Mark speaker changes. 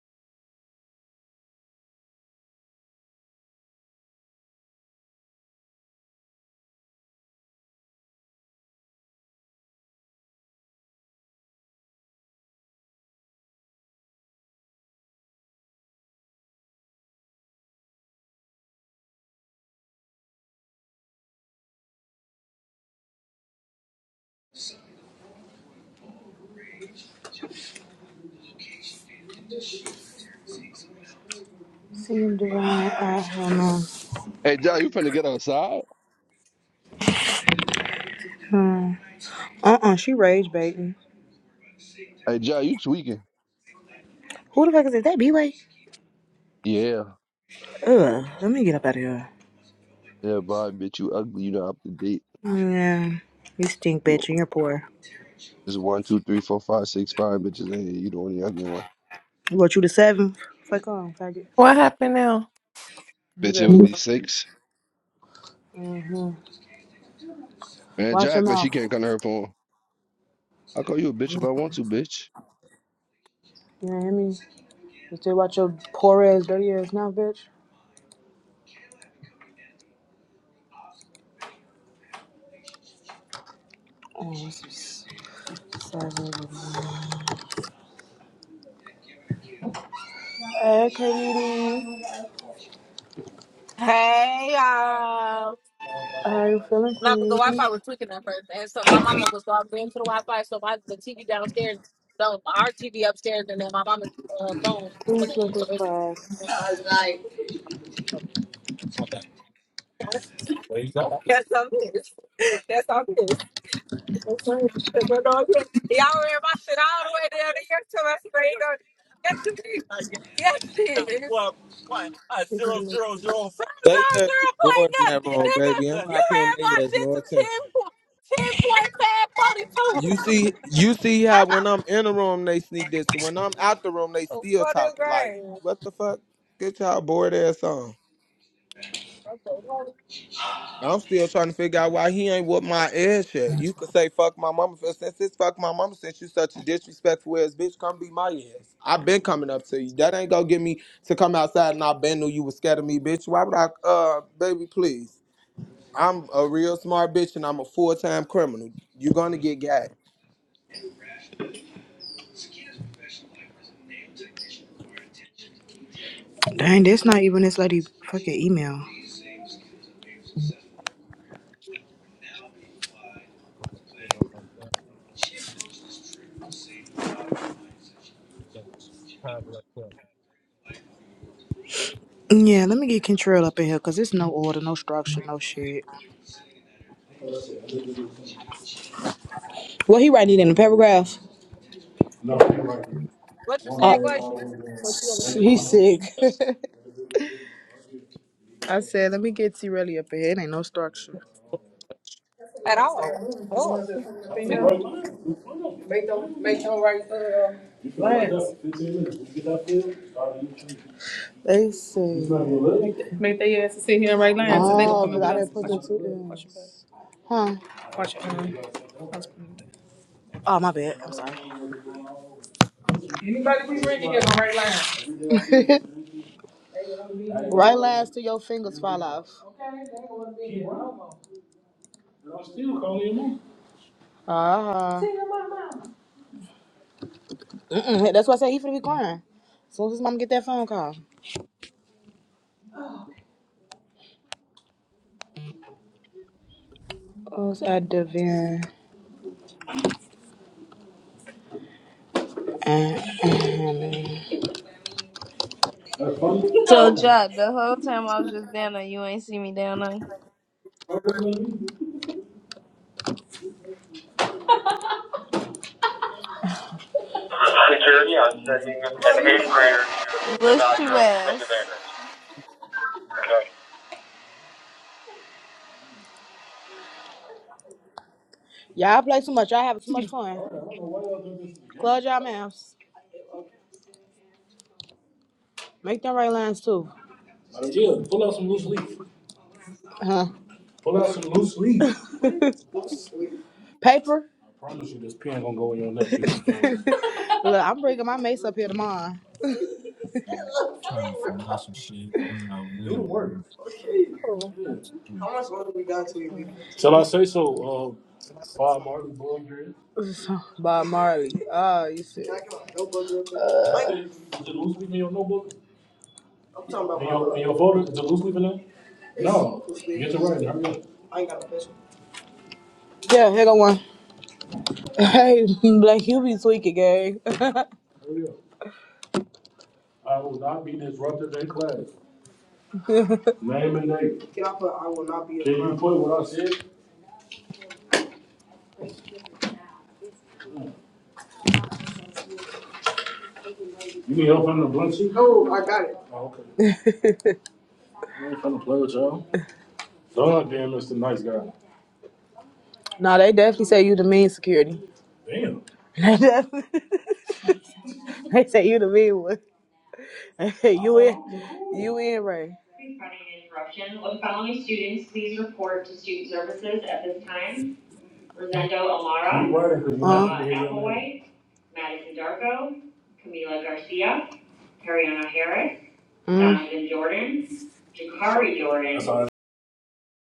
Speaker 1: Seeing Duran, I don't know.
Speaker 2: Hey, Jai, you finna get outside?
Speaker 1: Hmm. Uh-uh, she rage baiting.
Speaker 2: Hey, Jai, you tweaking?
Speaker 1: Who the fuck is it? That B-Way?
Speaker 2: Yeah,
Speaker 1: Ugh, let me get up out of here.
Speaker 2: yeah, Bob, bitch, you ugly. You not up to date.
Speaker 1: Yeah, you stink,
Speaker 2: You
Speaker 1: bitch, and you're poor.
Speaker 2: it's one, two, three, four, five, six, five bitches in You the only ugly one.
Speaker 1: You want you to seven? Fuck on, faggot.
Speaker 3: what happened now
Speaker 1: You
Speaker 2: Bitch, it would
Speaker 1: just-
Speaker 2: be six.
Speaker 1: hmm
Speaker 2: Man,
Speaker 1: Watch your
Speaker 2: Jack, like she
Speaker 1: mouth.
Speaker 2: can't come to her phone. I'll call you a bitch if I want to, bitch.
Speaker 1: You know what I mean? You still watch your poor ass, dirty ass mouth, bitch. Oh, this is savage. Hey, Katie.
Speaker 4: Hey y'all.
Speaker 1: How are you feeling,
Speaker 4: Not that the
Speaker 1: Queenie?
Speaker 4: Wi-Fi was tweaking at first, and so my mama was logged into the Wi-Fi, so my the TV downstairs, no, our TV upstairs, and then my mama's uh, phone. So,
Speaker 1: Please look
Speaker 4: so
Speaker 1: at
Speaker 4: it's.
Speaker 1: class.
Speaker 4: There you go. That's all it is. That's all it is. Y'all read my shit all the way down to your toe. That's Yes, you did. Yes, you did. Well, what? A
Speaker 1: Please
Speaker 4: zero,
Speaker 1: look-
Speaker 4: zero, zero. Zero,
Speaker 5: They
Speaker 4: zero,
Speaker 5: ass is
Speaker 4: zero point
Speaker 5: bored in that
Speaker 4: nothing,
Speaker 5: room, baby. I'm
Speaker 4: nigga. You
Speaker 5: not paying
Speaker 4: read
Speaker 5: they
Speaker 4: my
Speaker 5: ass
Speaker 4: shit
Speaker 5: no
Speaker 4: to
Speaker 5: attention.
Speaker 4: ten, point ten point
Speaker 5: You
Speaker 4: po- 10.542.
Speaker 5: see, you see how when I'm in the room they sneak this, and when I'm out the room they
Speaker 4: oh,
Speaker 5: still
Speaker 4: for the
Speaker 5: talking. Like,
Speaker 4: grade.
Speaker 5: what the fuck? Get y'all bored ass on.
Speaker 4: Okay. well,
Speaker 5: I'm still trying to figure out why he ain't whoop my ass yet. You could say fuck my mama but since it's fuck my mama since you such a disrespectful ass bitch. Come be my ass. i been coming up to you. That ain't gonna get me to come outside and I been knew you was scared of me, bitch. Why would I? Uh, baby, please. I'm a real smart bitch and I'm a full time criminal. You're gonna get got.
Speaker 1: Dang, that's not even this lady fucking email. Yeah, let me get Kentrill up in here because it's no order, no structure, no shit. What he writing it in a paragraph. No, he right here.
Speaker 4: What you
Speaker 1: One
Speaker 4: said,
Speaker 1: Uh, word
Speaker 4: Glacier?
Speaker 1: all the way down.
Speaker 4: What you
Speaker 1: Thank you.
Speaker 4: said?
Speaker 1: he's sick. I said, let me get T Relly up in here. It ain't no structure.
Speaker 4: At all. Oh. I see.
Speaker 1: they say, not going Make their ass sit here and write lines so they going oh, come up because with I us. didn't put Watch the two your, watch M's. Huh? your, watch your, um, Oh, my bad. I'm sorry. right last to your fingers fall off. Uh-huh. Mm-mm. That's why I said he finna be crying. As soon as his mom get that phone call. Oh, so I Devin. Security
Speaker 6: So, Jock, the whole time I was just down there, you ain't see me down there.
Speaker 1: on sending an eighth grader to the
Speaker 6: What's your
Speaker 1: bathroom from the
Speaker 6: ass?
Speaker 1: neighbors. Okay. Y'all play too much. Y'all having too much fun. Close your mouths. Make them right lines too. Yeah, pull out some loose leaf. Huh? Pull out some loose leaf. Paper. I promise you, this pen gonna go in your neck. Look, I'm bringing my mace up here tomorrow.
Speaker 4: Oh.
Speaker 1: Yeah. Shall I say so? Uh, Bob Marley, Bob Dread. Bob Marley. Ah, you said. Did Luce leave me your notebook? Your voter? Did Luce leave it in? Hurry up, Yeah, here go one. Hey, Black, you be tweaking, gang. Hurry up. I will not be disrupted in class. Name and date. You put what I said? You need help on the blunt sheet? Oh, okay. I ain't finna play with y'all. God damn, Mr. Nice Guy. nah, they definitely say you the mean security. Damn. They definitely. They say you the mean one. They say you in, you in, Ray. Confronting interruption. When following students, please report to student services at this time. Rosendo Amara. Uh-huh. Emma Applewhite, Madison Darko, Camila Garcia, Ariana Harris, Mm. Donovan Jordan, Jakari Jordan.